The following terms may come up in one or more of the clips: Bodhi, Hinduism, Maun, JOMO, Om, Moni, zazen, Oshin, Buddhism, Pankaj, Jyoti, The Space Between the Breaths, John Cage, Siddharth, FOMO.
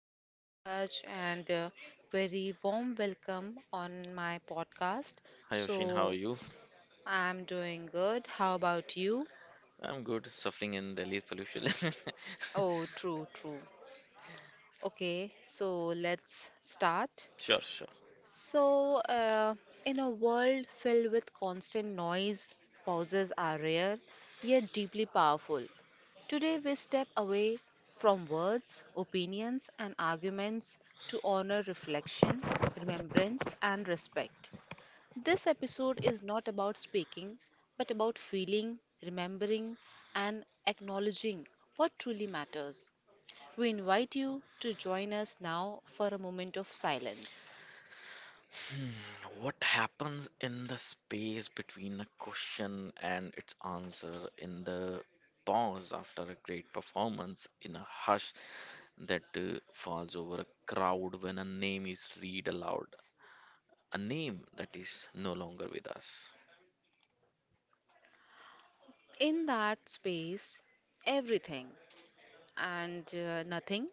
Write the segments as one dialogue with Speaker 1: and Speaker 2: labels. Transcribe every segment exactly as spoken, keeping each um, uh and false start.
Speaker 1: hello Pankaj, and uh, very warm welcome on my podcast.
Speaker 2: Hi Oshin, how are
Speaker 1: So,
Speaker 2: you?
Speaker 1: I'm doing good. How about you?
Speaker 2: I'm good, suffering in Delhi's pollution.
Speaker 1: Oh, true, true. Okay, so let's start.
Speaker 2: Sure, sure.
Speaker 1: So, uh, in a world filled with constant noise, pauses are rare, yet deeply powerful. Today, we step away from words, opinions, and arguments to honor reflection, remembrance, and respect. This episode is not about speaking, but about feeling, remembering, and acknowledging what truly matters. We invite you to join us now for a moment of silence.
Speaker 2: Hmm, what happens in the space between a question and its answer, in the pause after a great performance, in a hush that uh, falls over a crowd when a name is read aloud, a name that is no longer with us?
Speaker 1: In that space, everything and uh, nothing,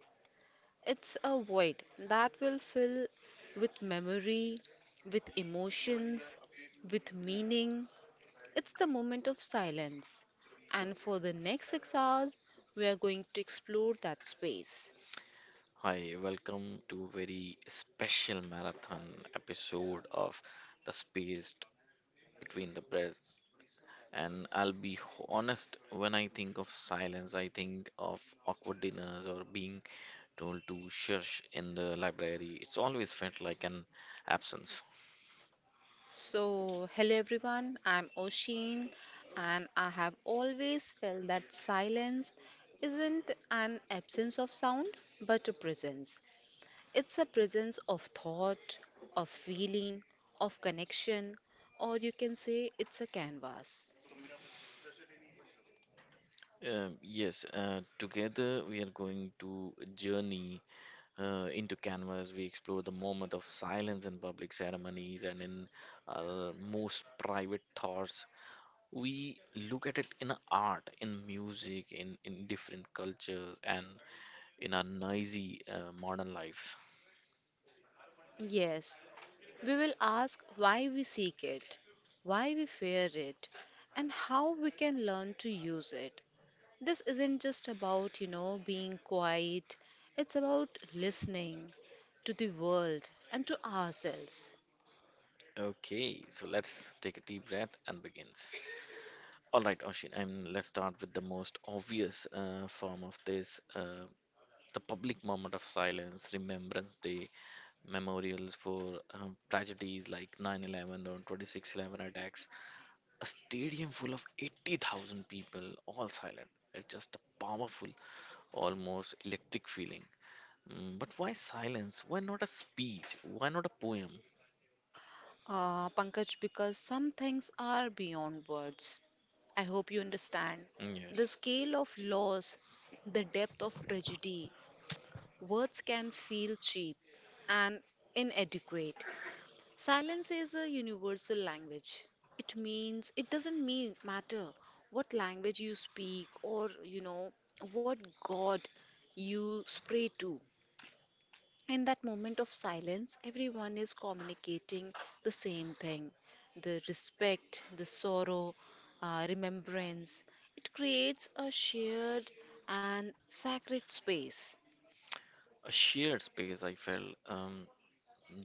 Speaker 1: it's a void that will fill with memory, with emotions, with meaning. It's the moment of silence. And for the next six hours, we are going to explore that space.
Speaker 2: Hi, welcome to very special marathon episode of The Space Between the Breaths. And I'll be h- honest, when I think of silence, I think of awkward dinners or being told to shush in the library. It's always felt like an absence.
Speaker 1: So, hello everyone, I'm Oshin, and I have always felt that silence isn't an absence of sound but a presence. It's a presence of thought, of feeling, of connection, or you can say it's a canvas.
Speaker 2: Um, yes, uh, together we are going to journey uh, into canvas. We explore the moment of silence in public ceremonies and in our most private thoughts. We look at it in art, in music, in, in different cultures, and in our noisy uh, modern lives.
Speaker 1: Yes, we will ask why we seek it, why we fear it, and how we can learn to use it. This isn't just about, you know, being quiet, it's about listening to the world and to ourselves.
Speaker 2: Okay, so let's take a deep breath and begins. All right, Oshin, and let's start with the most obvious uh, form of this. Uh, the public moment of silence, Remembrance Day, memorials for um, tragedies like nine eleven or twenty-six eleven attacks. A stadium full of eighty thousand people, all silent. It's just a powerful, almost electric feeling. Mm, but why silence? Why not a speech? Why not a poem?
Speaker 1: Uh, Pankaj, because some things are beyond words. I hope you understand. The
Speaker 2: Yes.
Speaker 1: scale of loss, the depth of tragedy, words can feel cheap and inadequate. Silence is a universal language. It means it doesn't mean matter what language you speak or you know what god you pray to. In that moment of silence, everyone is communicating the same thing, the respect, the sorrow, uh, remembrance. It creates a shared and sacred space.
Speaker 2: A shared space, I felt um,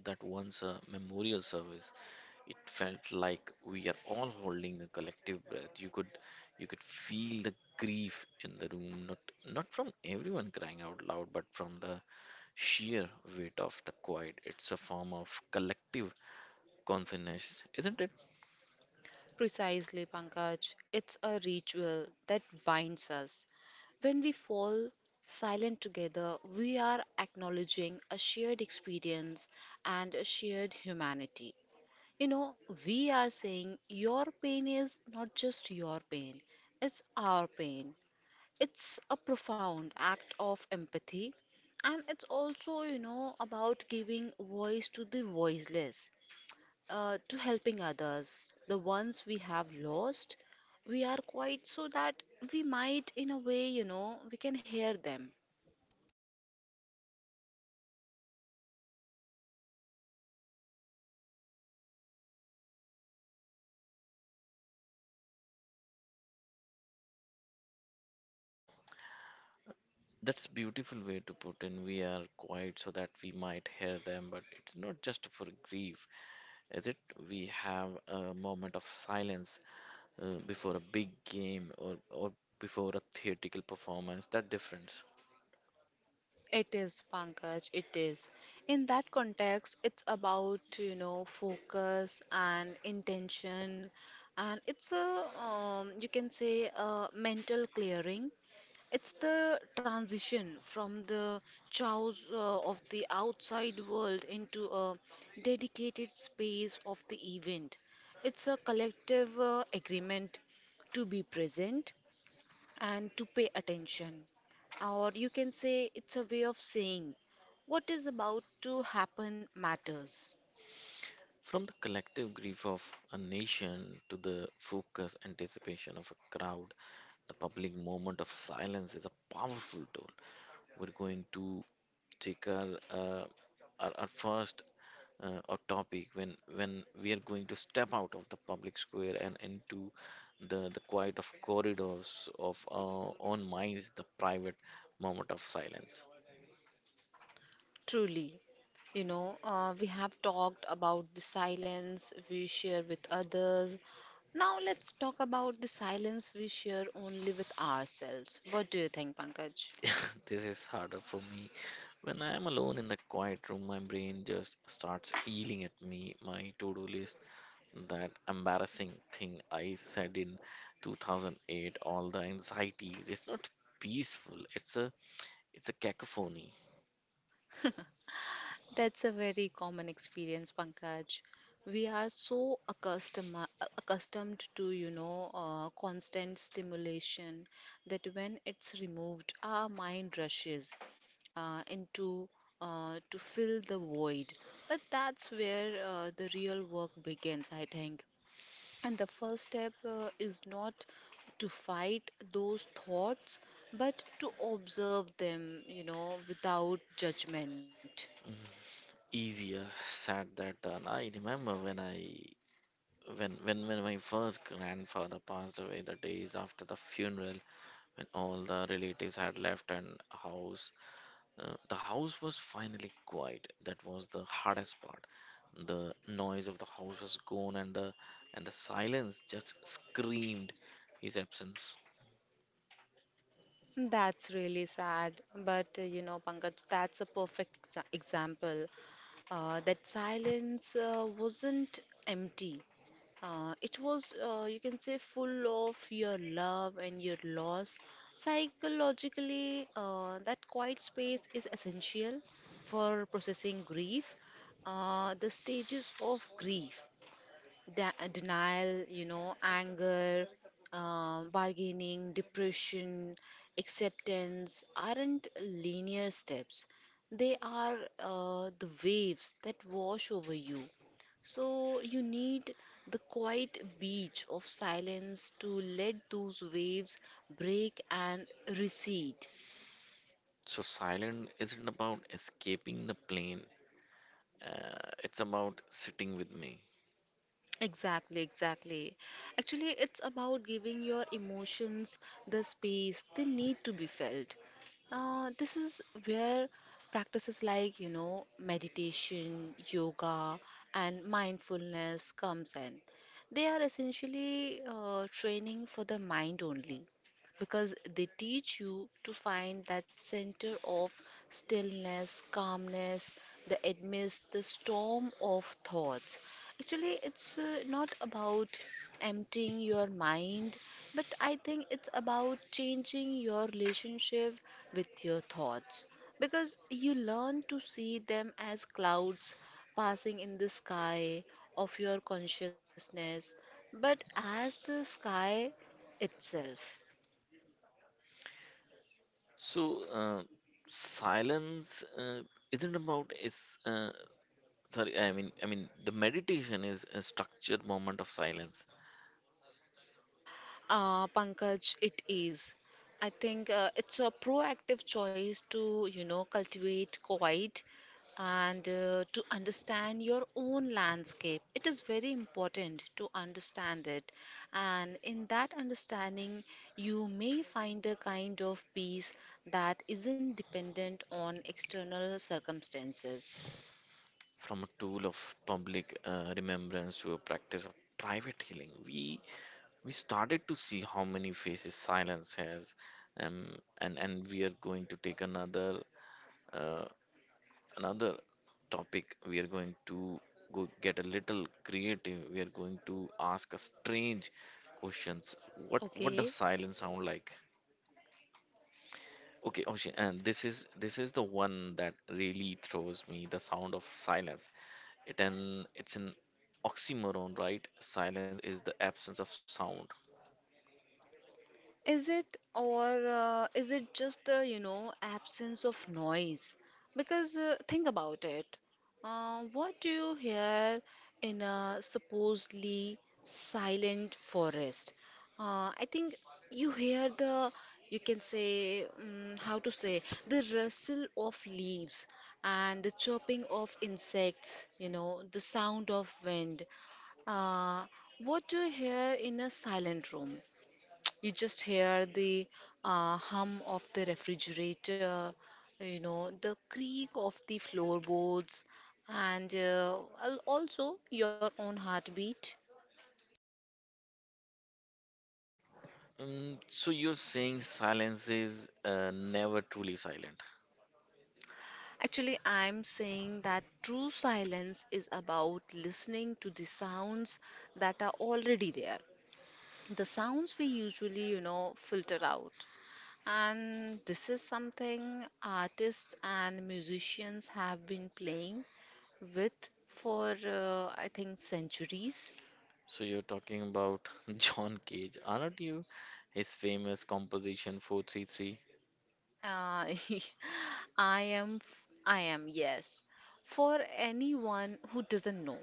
Speaker 2: that once a memorial service, it felt like we are all holding a collective breath. You could, you could feel the grief in the room, not not from everyone crying out loud, but from the sheer weight of the quiet. It's a form of collective consciousness, isn't it?
Speaker 1: Precisely, Pankaj. It's a ritual that binds us. When we fall silent together, we are acknowledging a shared experience and a shared humanity. You know, we are saying your pain is not just your pain, it's our pain. It's a profound act of empathy, and it's also, you know, about giving voice to the voiceless, uh, to helping others, the ones we have lost. We are quiet so that we might, in a way, you know, we can hear them.
Speaker 2: That's beautiful way to put in. We are quiet so that we might hear them, but it's not just for grief. Is it? We have a moment of silence uh, before a big game or, or before a theatrical performance that difference.
Speaker 1: It is, Pankaj, it is. In that context, it's about, you know, focus and intention, and it's a, um, you can say, a mental clearing. It's the transition from the chaos uh, of the outside world into a dedicated space of the event. It's a collective uh, agreement to be present and to pay attention. Or you can say it's a way of saying what is about to happen matters
Speaker 2: From the collective grief of a nation to the focused anticipation of a crowd, the public moment of silence is a powerful tool. We're going to take our uh, our, our first uh, our topic. When when we are going to step out of the public square and into the the quiet of corridors of our own minds, the private moment of silence.
Speaker 1: truly. You know, uh, we have talked about the silence we share with others. Now let's talk about the silence we share only with ourselves. What do you think, Pankaj?
Speaker 2: This is harder for me. When I am alone in the quiet room, my brain just starts yelling at me, my to-do list, that embarrassing thing I said in two thousand eight, all the anxieties. It's not peaceful. It's a it's a cacophony.
Speaker 1: That's a very common experience, Pankaj. We are so accustomed accustomed to, you know, uh, constant stimulation that when it's removed, our mind rushes uh, into uh, to fill the void. But that's where uh, the real work begins, I think. And the first step uh, is not to fight those thoughts, but to observe them, you know, without judgment.
Speaker 2: Easier said that done. I remember when I when when when my first grandfather passed away, the days after the funeral, when all the relatives had left and house. Uh, the house was finally quiet. That was the hardest part. The noise of the house was gone, and the and the silence just screamed his absence.
Speaker 1: That's really sad, but uh, you know, Pankaj, that's a perfect exa- example. Uh, that silence uh, wasn't empty. Uh, it was, uh, you can say, full of your love and your loss. Psychologically, uh, that quiet space is essential for processing grief, uh, the stages of grief, de- denial, you know, anger, um, bargaining, depression, acceptance aren't linear steps. They are uh, the waves that wash over you. So you need the quiet beach of silence to let those waves break and recede.
Speaker 2: So silent isn't about escaping the plane. Uh, it's about sitting with me.
Speaker 1: Exactly, exactly. Actually, it's about giving your emotions the space they need to be felt. Uh, this is where practices like, you know, meditation, yoga, and mindfulness comes in. They are essentially uh, training for the mind only because they teach you to find that center of stillness, calmness, the amidst the storm of thoughts. Actually, it's uh, not about emptying your mind, but I think it's about changing your relationship with your thoughts because you learn to see them as clouds passing in the sky of your consciousness, but as the sky itself.
Speaker 2: So uh, silence uh, isn't about is uh, sorry. I mean I mean the meditation is a structured moment of silence.
Speaker 1: Uh, Pankaj, it is. I think uh, it's a proactive choice to, you know, cultivate quiet and uh, to understand your own landscape. It is very important to understand it. And in that understanding, you may find a kind of peace that isn't dependent on external circumstances.
Speaker 2: From a tool of public uh, remembrance to a practice of private healing, we we started to see how many faces silence has. Um, and and we are going to take another uh, another topic. We are going to go get a little creative. We are going to ask a strange questions. What what
Speaker 1: Okay.
Speaker 2: does silence sound like? Okay, Oshin, and this is this is the one that really throws me, the sound of silence. It an it's an oxymoron, right? Silence is the absence of sound.
Speaker 1: Is it or uh, is it just the, you know, absence of noise? Because uh, think about it. Uh, what do you hear in a supposedly silent forest? Uh, I think you hear the, you can say, um, how to say, the rustle of leaves and the chirping of insects, you know, the sound of wind. Uh, what do you hear in a silent room? You just hear the uh, hum of the refrigerator, you know, the creak of the floorboards, and uh, al- also your own heartbeat.
Speaker 2: Mm, so you're saying silence is uh, never truly silent.
Speaker 1: Actually, I'm saying that true silence is about listening to the sounds that are already there. The sounds we usually, you know, filter out. And this is something artists and musicians have been playing with for uh, I think centuries.
Speaker 2: So you're talking about John Cage, aren't you? His famous composition four thirty-three.
Speaker 1: Uh, I am, f- I am, yes. For anyone who doesn't know,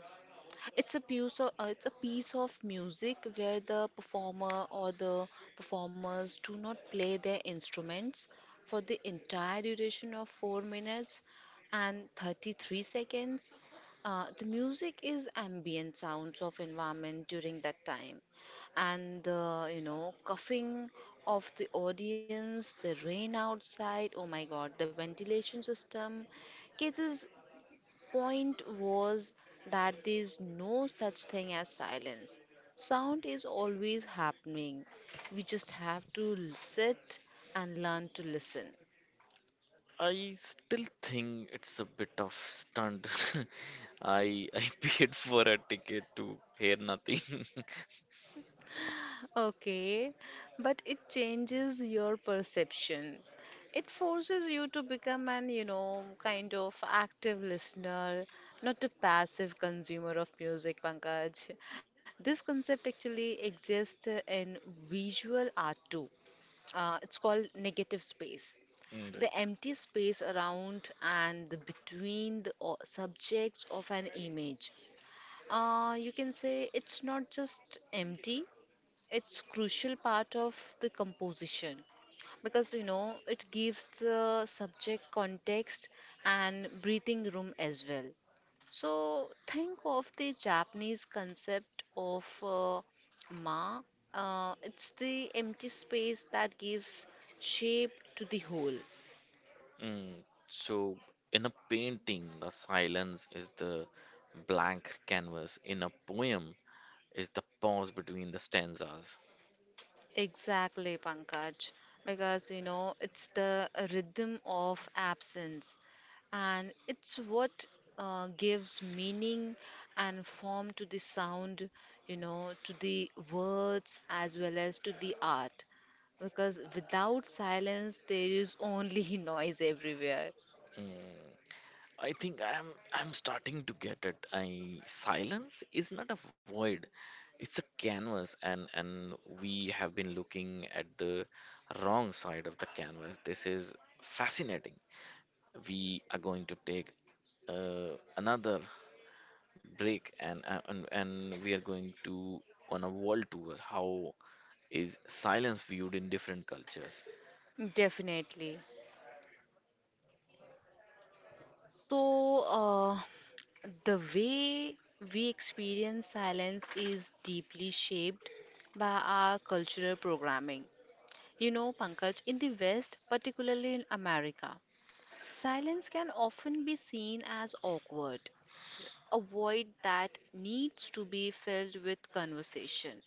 Speaker 1: it's a piece of uh, it's a piece of music where the performer or the performers do not play their instruments for the entire duration of four minutes and thirty-three seconds. Uh, the music is ambient sounds of environment during that time, and the, you know, coughing of the audience, the rain outside, oh my god, the ventilation system kids is point was that there is no such thing as silence. Sound is always happening. We just have to l- sit and learn to listen.
Speaker 2: I still think it's a bit of stunt. I I paid for a ticket to hear nothing.
Speaker 1: Okay, but it changes your perception. It forces you to become an, you know, kind of active listener, not a passive consumer of music, Pankaj. This concept actually exists in visual art too. Uh, it's called negative space,
Speaker 2: Mm, right.
Speaker 1: the empty space around and the between the o- subjects of an image. Uh, you can say it's not just empty, it's crucial part of the composition because you know it gives the subject context and breathing room as well. So think of the Japanese concept of uh, ma. Uh, it's the empty space that gives shape to the whole.
Speaker 2: Mm, so, in a painting, the silence is the blank canvas. In a poem, is the pause between the stanzas.
Speaker 1: Exactly, Pankaj, because you know it's the rhythm of absence, and it's what uh, gives meaning and form to the sound, you know, to the words as well as to the art. Because without silence, there is only noise everywhere.
Speaker 2: Mm, I think I'm I'm starting to get it. I silence is not a void. It's a canvas, and and we have been looking at the wrong side of the canvas. This is fascinating. We are going to take uh, another break, and, uh, and and we are going to on a world tour. How is silence viewed in different cultures?
Speaker 1: Definitely. So, uh, the way we experience silence is deeply shaped by our cultural programming. You know, Pankaj, in the West, particularly in America, silence can often be seen as awkward, a void that needs to be filled with conversation,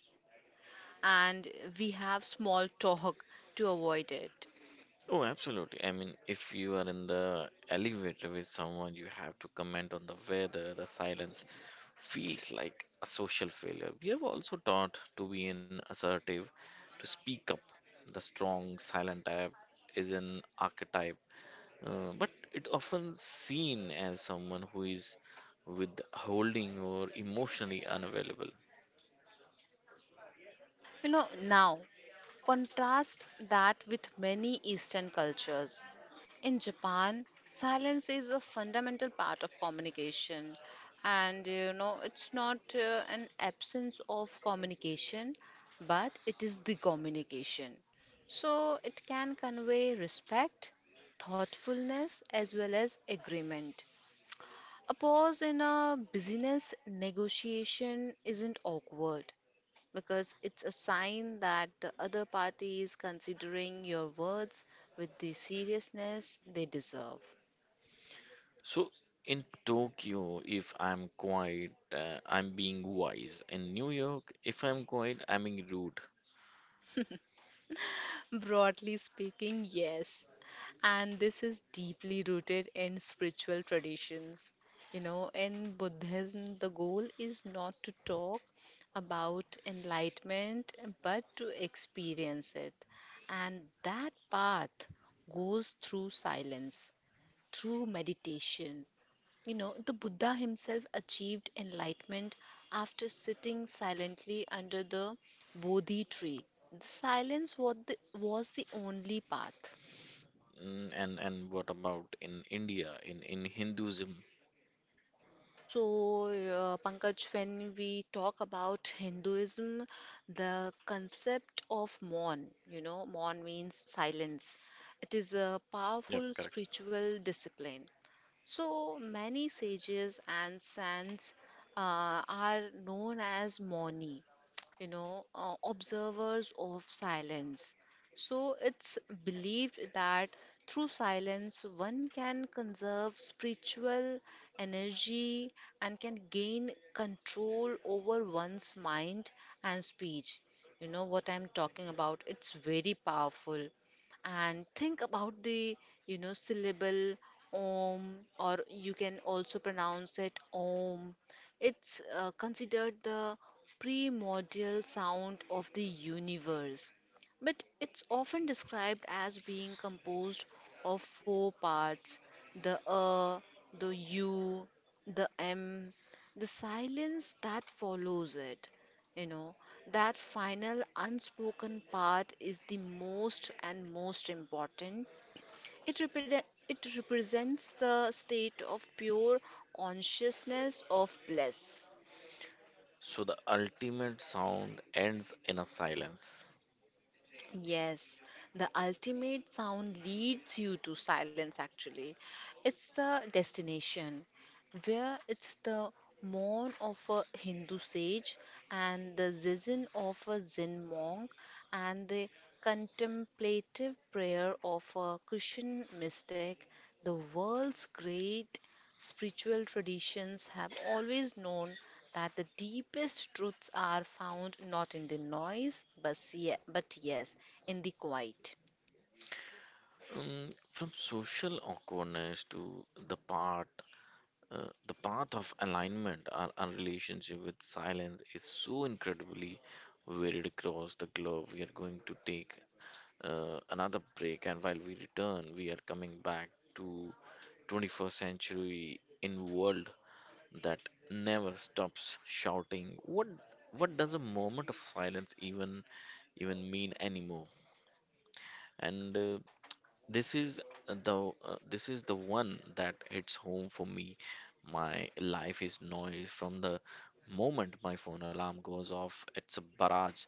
Speaker 1: and we have small talk to avoid it.
Speaker 2: Oh absolutely, I mean if you are in the elevator with someone you have to comment on the weather. The silence feels like a social failure. We have also taught to be in assertive, to speak up. The strong silent type is an archetype. Uh, but it often seen as someone who is withholding or emotionally unavailable.
Speaker 1: You know, now contrast that with many Eastern cultures. In Japan, silence is a fundamental part of communication, and you know, it's not uh, an absence of communication, but it is the communication. So it can convey respect, thoughtfulness, as well as agreement. A pause in a business negotiation isn't awkward because it's a sign that the other party is considering your words with the seriousness they deserve.
Speaker 2: So in Tokyo, if I'm quiet, uh, I'm being wise. In New York, if I'm quiet, I'm being rude.
Speaker 1: Broadly speaking, yes. And this is deeply rooted in spiritual traditions. You know, in Buddhism, the goal is not to talk about enlightenment but to experience it. And that path goes through silence, through meditation. You know, the Buddha himself achieved enlightenment after sitting silently under the Bodhi tree. The silence was the, was the only path.
Speaker 2: Mm, and and what about in India, in in Hinduism?
Speaker 1: So, uh, Pankaj, when we talk about Hinduism, the concept of Maun, you know, Maun means silence. It is a
Speaker 2: Yep,
Speaker 1: powerful
Speaker 2: correct.
Speaker 1: spiritual discipline. So many sages and saints uh, are known as Moni, you know, uh, observers of silence. So it's believed that through silence one can conserve spiritual energy and can gain control over one's mind and speech. You know what I'm talking about? It's very powerful, and think about the, you know, syllable Om, or you can also pronounce it Om. It's uh, considered the primordial sound of the universe, but it's often described as being composed of four parts, the A, the U, the M, the silence that follows it. You know, that final unspoken part is the most and most important, it, repre- it represents the state of pure consciousness of bliss.
Speaker 2: So the ultimate sound ends in a silence.
Speaker 1: Yes, the ultimate sound leads you to silence actually. It's the destination where it's the mourn of a Hindu sage and the zazen of a Zen monk and the contemplative prayer of a Christian mystic. The world's great spiritual traditions have always known that the deepest truths are found not in the noise, but, ye- but yes, in the quiet.
Speaker 2: Um, from social awkwardness to the part. Uh, the path of alignment, our, our relationship with silence, is so incredibly varied across the globe. We are going to take uh, another break, and while we return, we are coming back to twenty-first century in world that never stops shouting. What what does a moment of silence even even mean anymore? And uh, this is the uh, this is the one that hits home for me. My life is noise from the moment my phone alarm goes off. It's a barrage.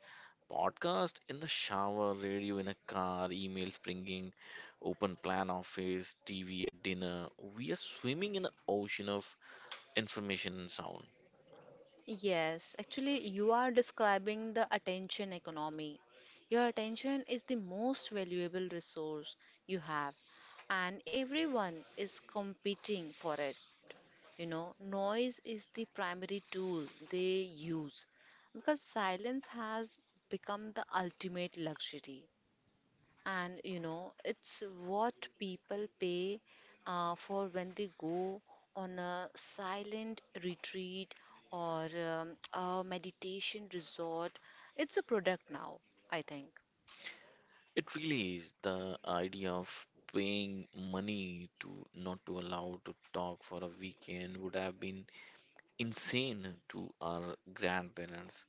Speaker 2: Podcast in the shower, radio in a car, emails pinging, open plan office, T V at dinner. We are swimming in an ocean of information and sound.
Speaker 1: Yes, actually, you are describing the attention economy. Your attention is the most valuable resource you have, and everyone is competing for it. You know, noise is the primary tool they use because silence has become the ultimate luxury, and you know it's what people pay uh, for when they go on a silent retreat or um, a meditation resort. It's a product now, I think.
Speaker 2: It really is. The idea of paying money to not to allow to talk for a weekend would have been insane to our grandparents.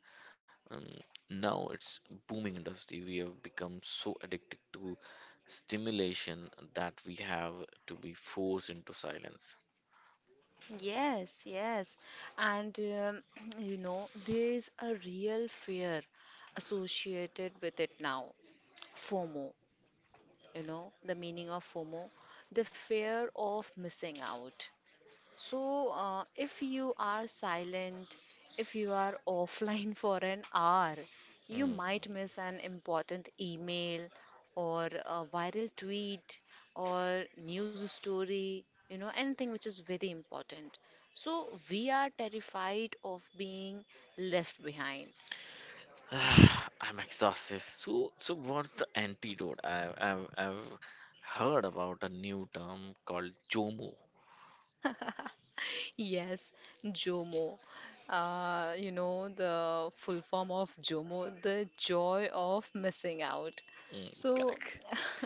Speaker 2: Um, Now it's booming industry. We have become so addicted to stimulation that we have to be forced into silence.
Speaker 1: Yes, yes. And um, you know there's a real fear associated with it now. FOMO. You know the meaning of FOMO? The fear of missing out. So, uh, if you are silent, if you are offline for an hour, you might miss an important email or a viral tweet or news story, you know, anything which is very important. So, we are terrified of being left behind.
Speaker 2: Mm. I'm exhausted. So, so what's the antidote? I've, I've, I've heard about a new term called JOMO.
Speaker 1: Yes, JOMO. Uh, you know, the full form of JOMO, the joy of missing out.
Speaker 2: Mm,
Speaker 1: So
Speaker 2: correct.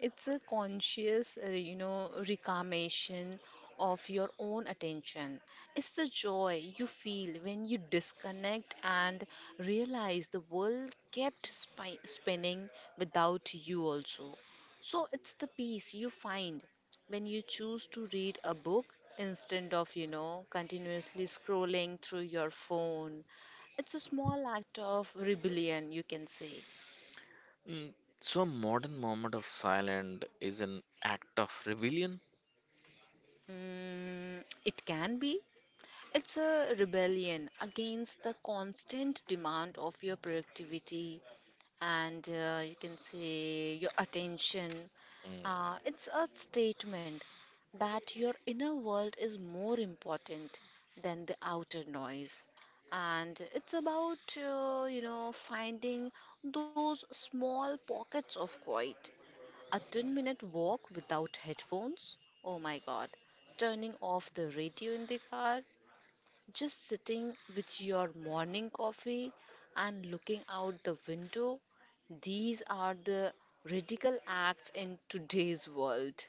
Speaker 1: it's a conscious, uh, you know, reclamation of your own attention. It's the joy you feel when you disconnect and realize the world kept spi spinning without you also. So it's the peace you find when you choose to read a book instead of, you know, continuously scrolling through your phone. It's a small act of rebellion, you can say.
Speaker 2: Mm, so, a modern moment of silence is an act of rebellion.
Speaker 1: Mm, it can be. It's a rebellion against the constant demand of your productivity and uh, you can say your attention.
Speaker 2: Mm,
Speaker 1: Uh, it's a statement that your inner world is more important than the outer noise. And it's about, uh, you know, finding those small pockets of quiet. A ten minute walk without headphones? Oh my god. Turning off the radio in the car, just sitting with your morning coffee and looking out the window. These are the radical acts in today's world.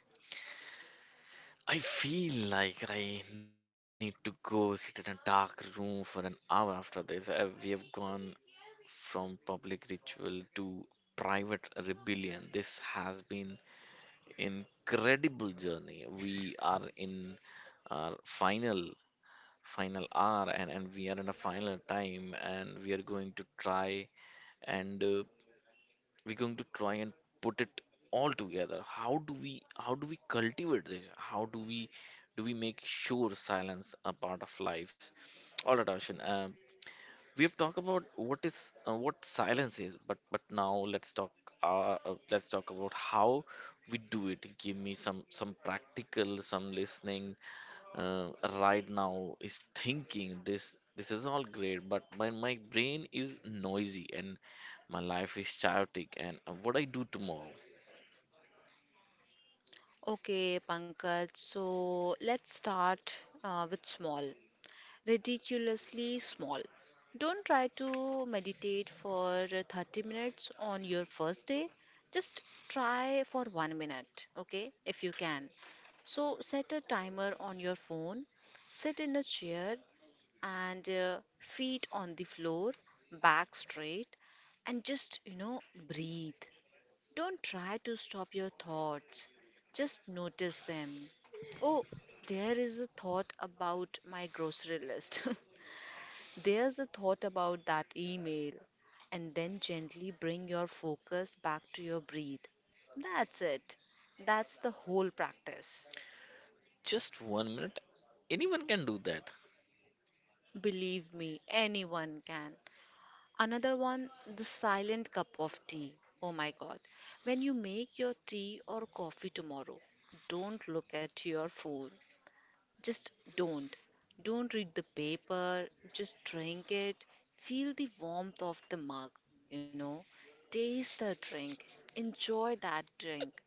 Speaker 2: I feel like I need to go sit in a dark room for an hour after this. Uh, We have gone from public ritual to private rebellion. This has been incredible journey. We are in our final final hour, and, and we are in a final time and we are going to try and uh, we're going to try and put it all together. How do we how do we cultivate this? How do we do we make sure silence a part of lives? All right Ashin, um, we have talked about what is uh, what silence is, but but now let's talk uh, uh, let's talk about how we do it. Give me some some practical some listening. uh, right now is thinking this this is all great, but my, my brain is noisy and my life is chaotic and uh, what I do tomorrow.
Speaker 1: Okay, Pankaj, so let's start uh, with small, ridiculously small. Don't try to meditate for thirty minutes on your first day. Just try for one minute, okay, if you can. So set a timer on your phone, sit in a chair, and uh, feet on the floor, back straight, and just, you know, breathe. Don't try to stop your thoughts, just notice them. Oh, there is a thought about my grocery list. There's a thought about that email. And then gently bring your focus back to your breath. That's it. That's the whole practice.
Speaker 2: Just one minute, anyone can do that.
Speaker 1: Believe me, anyone can. Another one, the silent cup of tea. Oh my god. When you make your tea or coffee tomorrow, don't look at your phone. Just don't. Don't read the paper, just drink it. Feel the warmth of the mug, you know. Taste the drink. Enjoy that drink.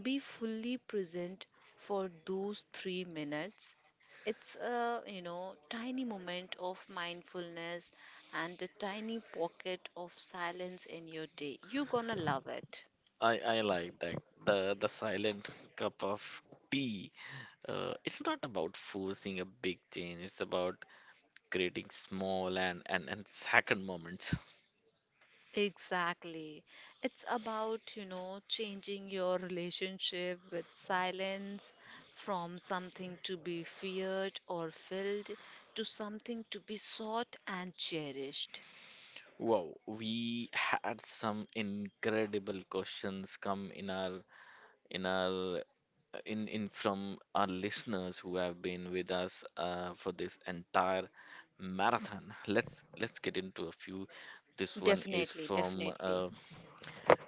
Speaker 1: Be fully present for those three minutes. It's a, you know, tiny moment of mindfulness and a tiny pocket of silence in your day. You're gonna love it.
Speaker 2: I i like that, the the silent cup of tea. Uh, it's not about forcing a big change, it's about creating small and and, and second moments.
Speaker 1: Exactly. It's about, you know, changing your relationship with silence from something to be feared or filled to something to be sought and cherished.
Speaker 2: Wow, we had some incredible questions come in our in our in in from our listeners who have been with us uh, for this entire marathon. Let's let's get into a few. This one is
Speaker 1: Definitely,
Speaker 2: from
Speaker 1: definitely.
Speaker 2: uh,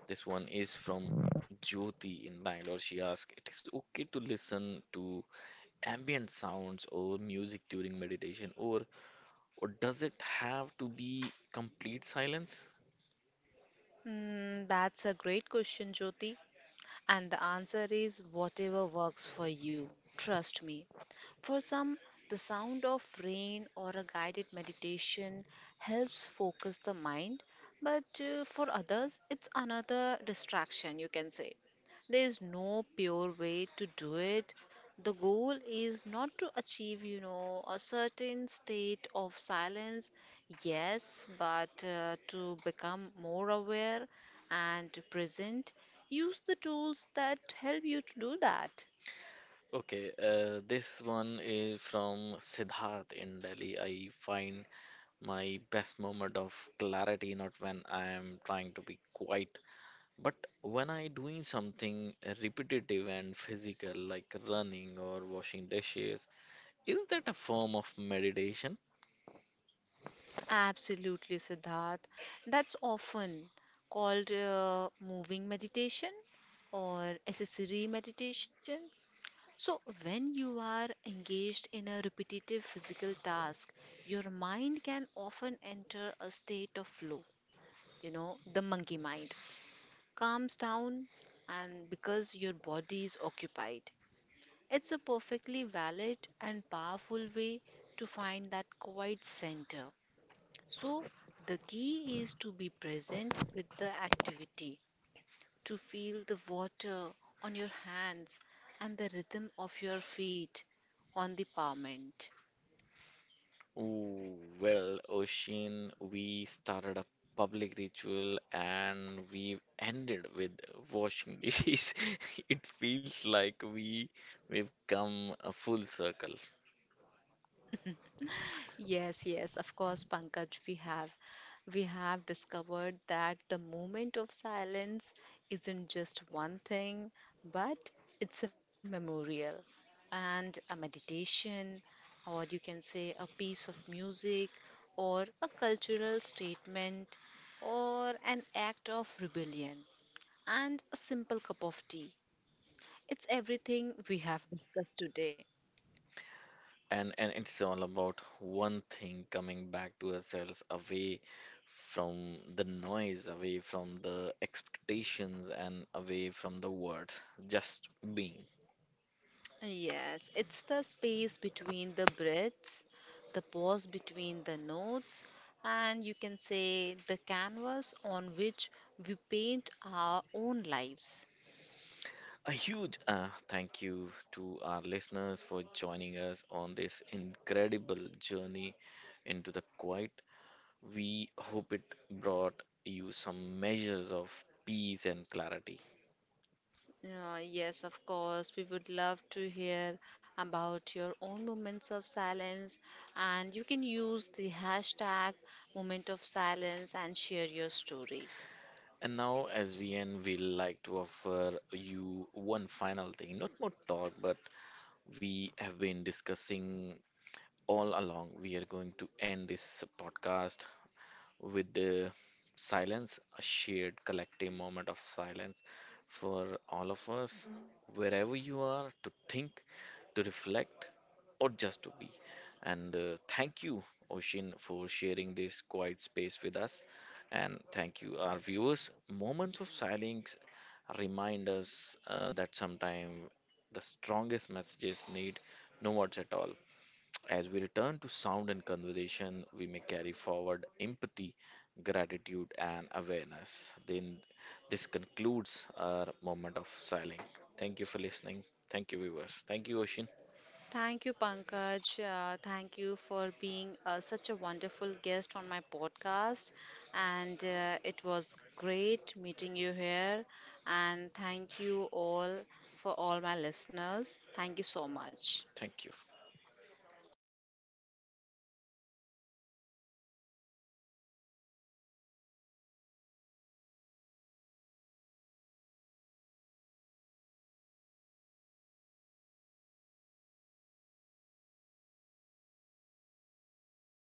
Speaker 2: this one is from Jyoti in Bangalore. She asked, "It is okay to listen to ambient sounds or music during meditation, or or does it have to be complete silence?"
Speaker 1: Hmm, that's a great question, Jyoti. And the answer is whatever works for you. Trust me. For some, the sound of rain or a guided meditation helps focus the mind, but uh, for others, it's another distraction, you can say. There is no pure way to do it. The goal is not to achieve, you know, a certain state of silence, yes, but uh, to become more aware and present. Use the tools that help you to do that.
Speaker 2: Okay, uh, this one is from Siddharth in Delhi. I find my best moment of clarity, not when I am trying to be quiet, but when I doing something repetitive and physical, like running or washing dishes. Is that a form of meditation?
Speaker 1: Absolutely, Siddharth. That's often called uh, moving meditation or accessory meditation. So, when you are engaged in a repetitive physical task, your mind can often enter a state of flow, you know, the monkey mind, calms down, and because your body is occupied. It's a perfectly valid and powerful way to find that quiet center. So, the key is to be present with the activity, to feel the water on your hands and the rhythm of your feet on the pavement.
Speaker 2: Ooh, well, Ocean, we started a public ritual and we ended with washing dishes. It feels like we we've come a full circle.
Speaker 1: Yes, yes, of course, Pankaj, we have. We have discovered that the moment of silence isn't just one thing, but it's a memorial and a meditation, or you can say a piece of music, or a cultural statement, or an act of rebellion, and a simple cup of tea. It's everything we have discussed today.
Speaker 2: And and it's all about one thing, coming back to ourselves, away from the noise, away from the expectations and away from the words, just being.
Speaker 1: Yes, it's the space between the breaths, the pause between the notes, and you can say the canvas on which we paint our own lives.
Speaker 2: A huge uh, thank you to our listeners for joining us on this incredible journey into the quiet. We hope it brought you some measures of peace and clarity.
Speaker 1: Uh, yes, of course, we would love to hear about your own moments of silence, and you can use the hashtag moment of silence and share your story.
Speaker 2: And now, as we end, we like to offer you one final thing. Not more talk, but we have been discussing all along. We are going to end this podcast with the silence, a shared collective moment of silence for all of us, wherever you are, to think, to reflect, or just to be. And uh, thank you, Oshin, for sharing this quiet space with us. And thank you, our viewers. Moments of silence remind us uh, that sometimes the strongest messages need no words at all. As we return to sound and conversation, we may carry forward empathy, gratitude, and awareness. Then this concludes our moment of silence. Thank you for listening. Thank you, viewers. Thank you, Oshin.
Speaker 1: Thank you, Pankaj. Uh, thank you for being uh, such a wonderful guest on my podcast. And uh, it was great meeting you here. And thank you all for all my listeners. Thank you so much.
Speaker 2: Thank you.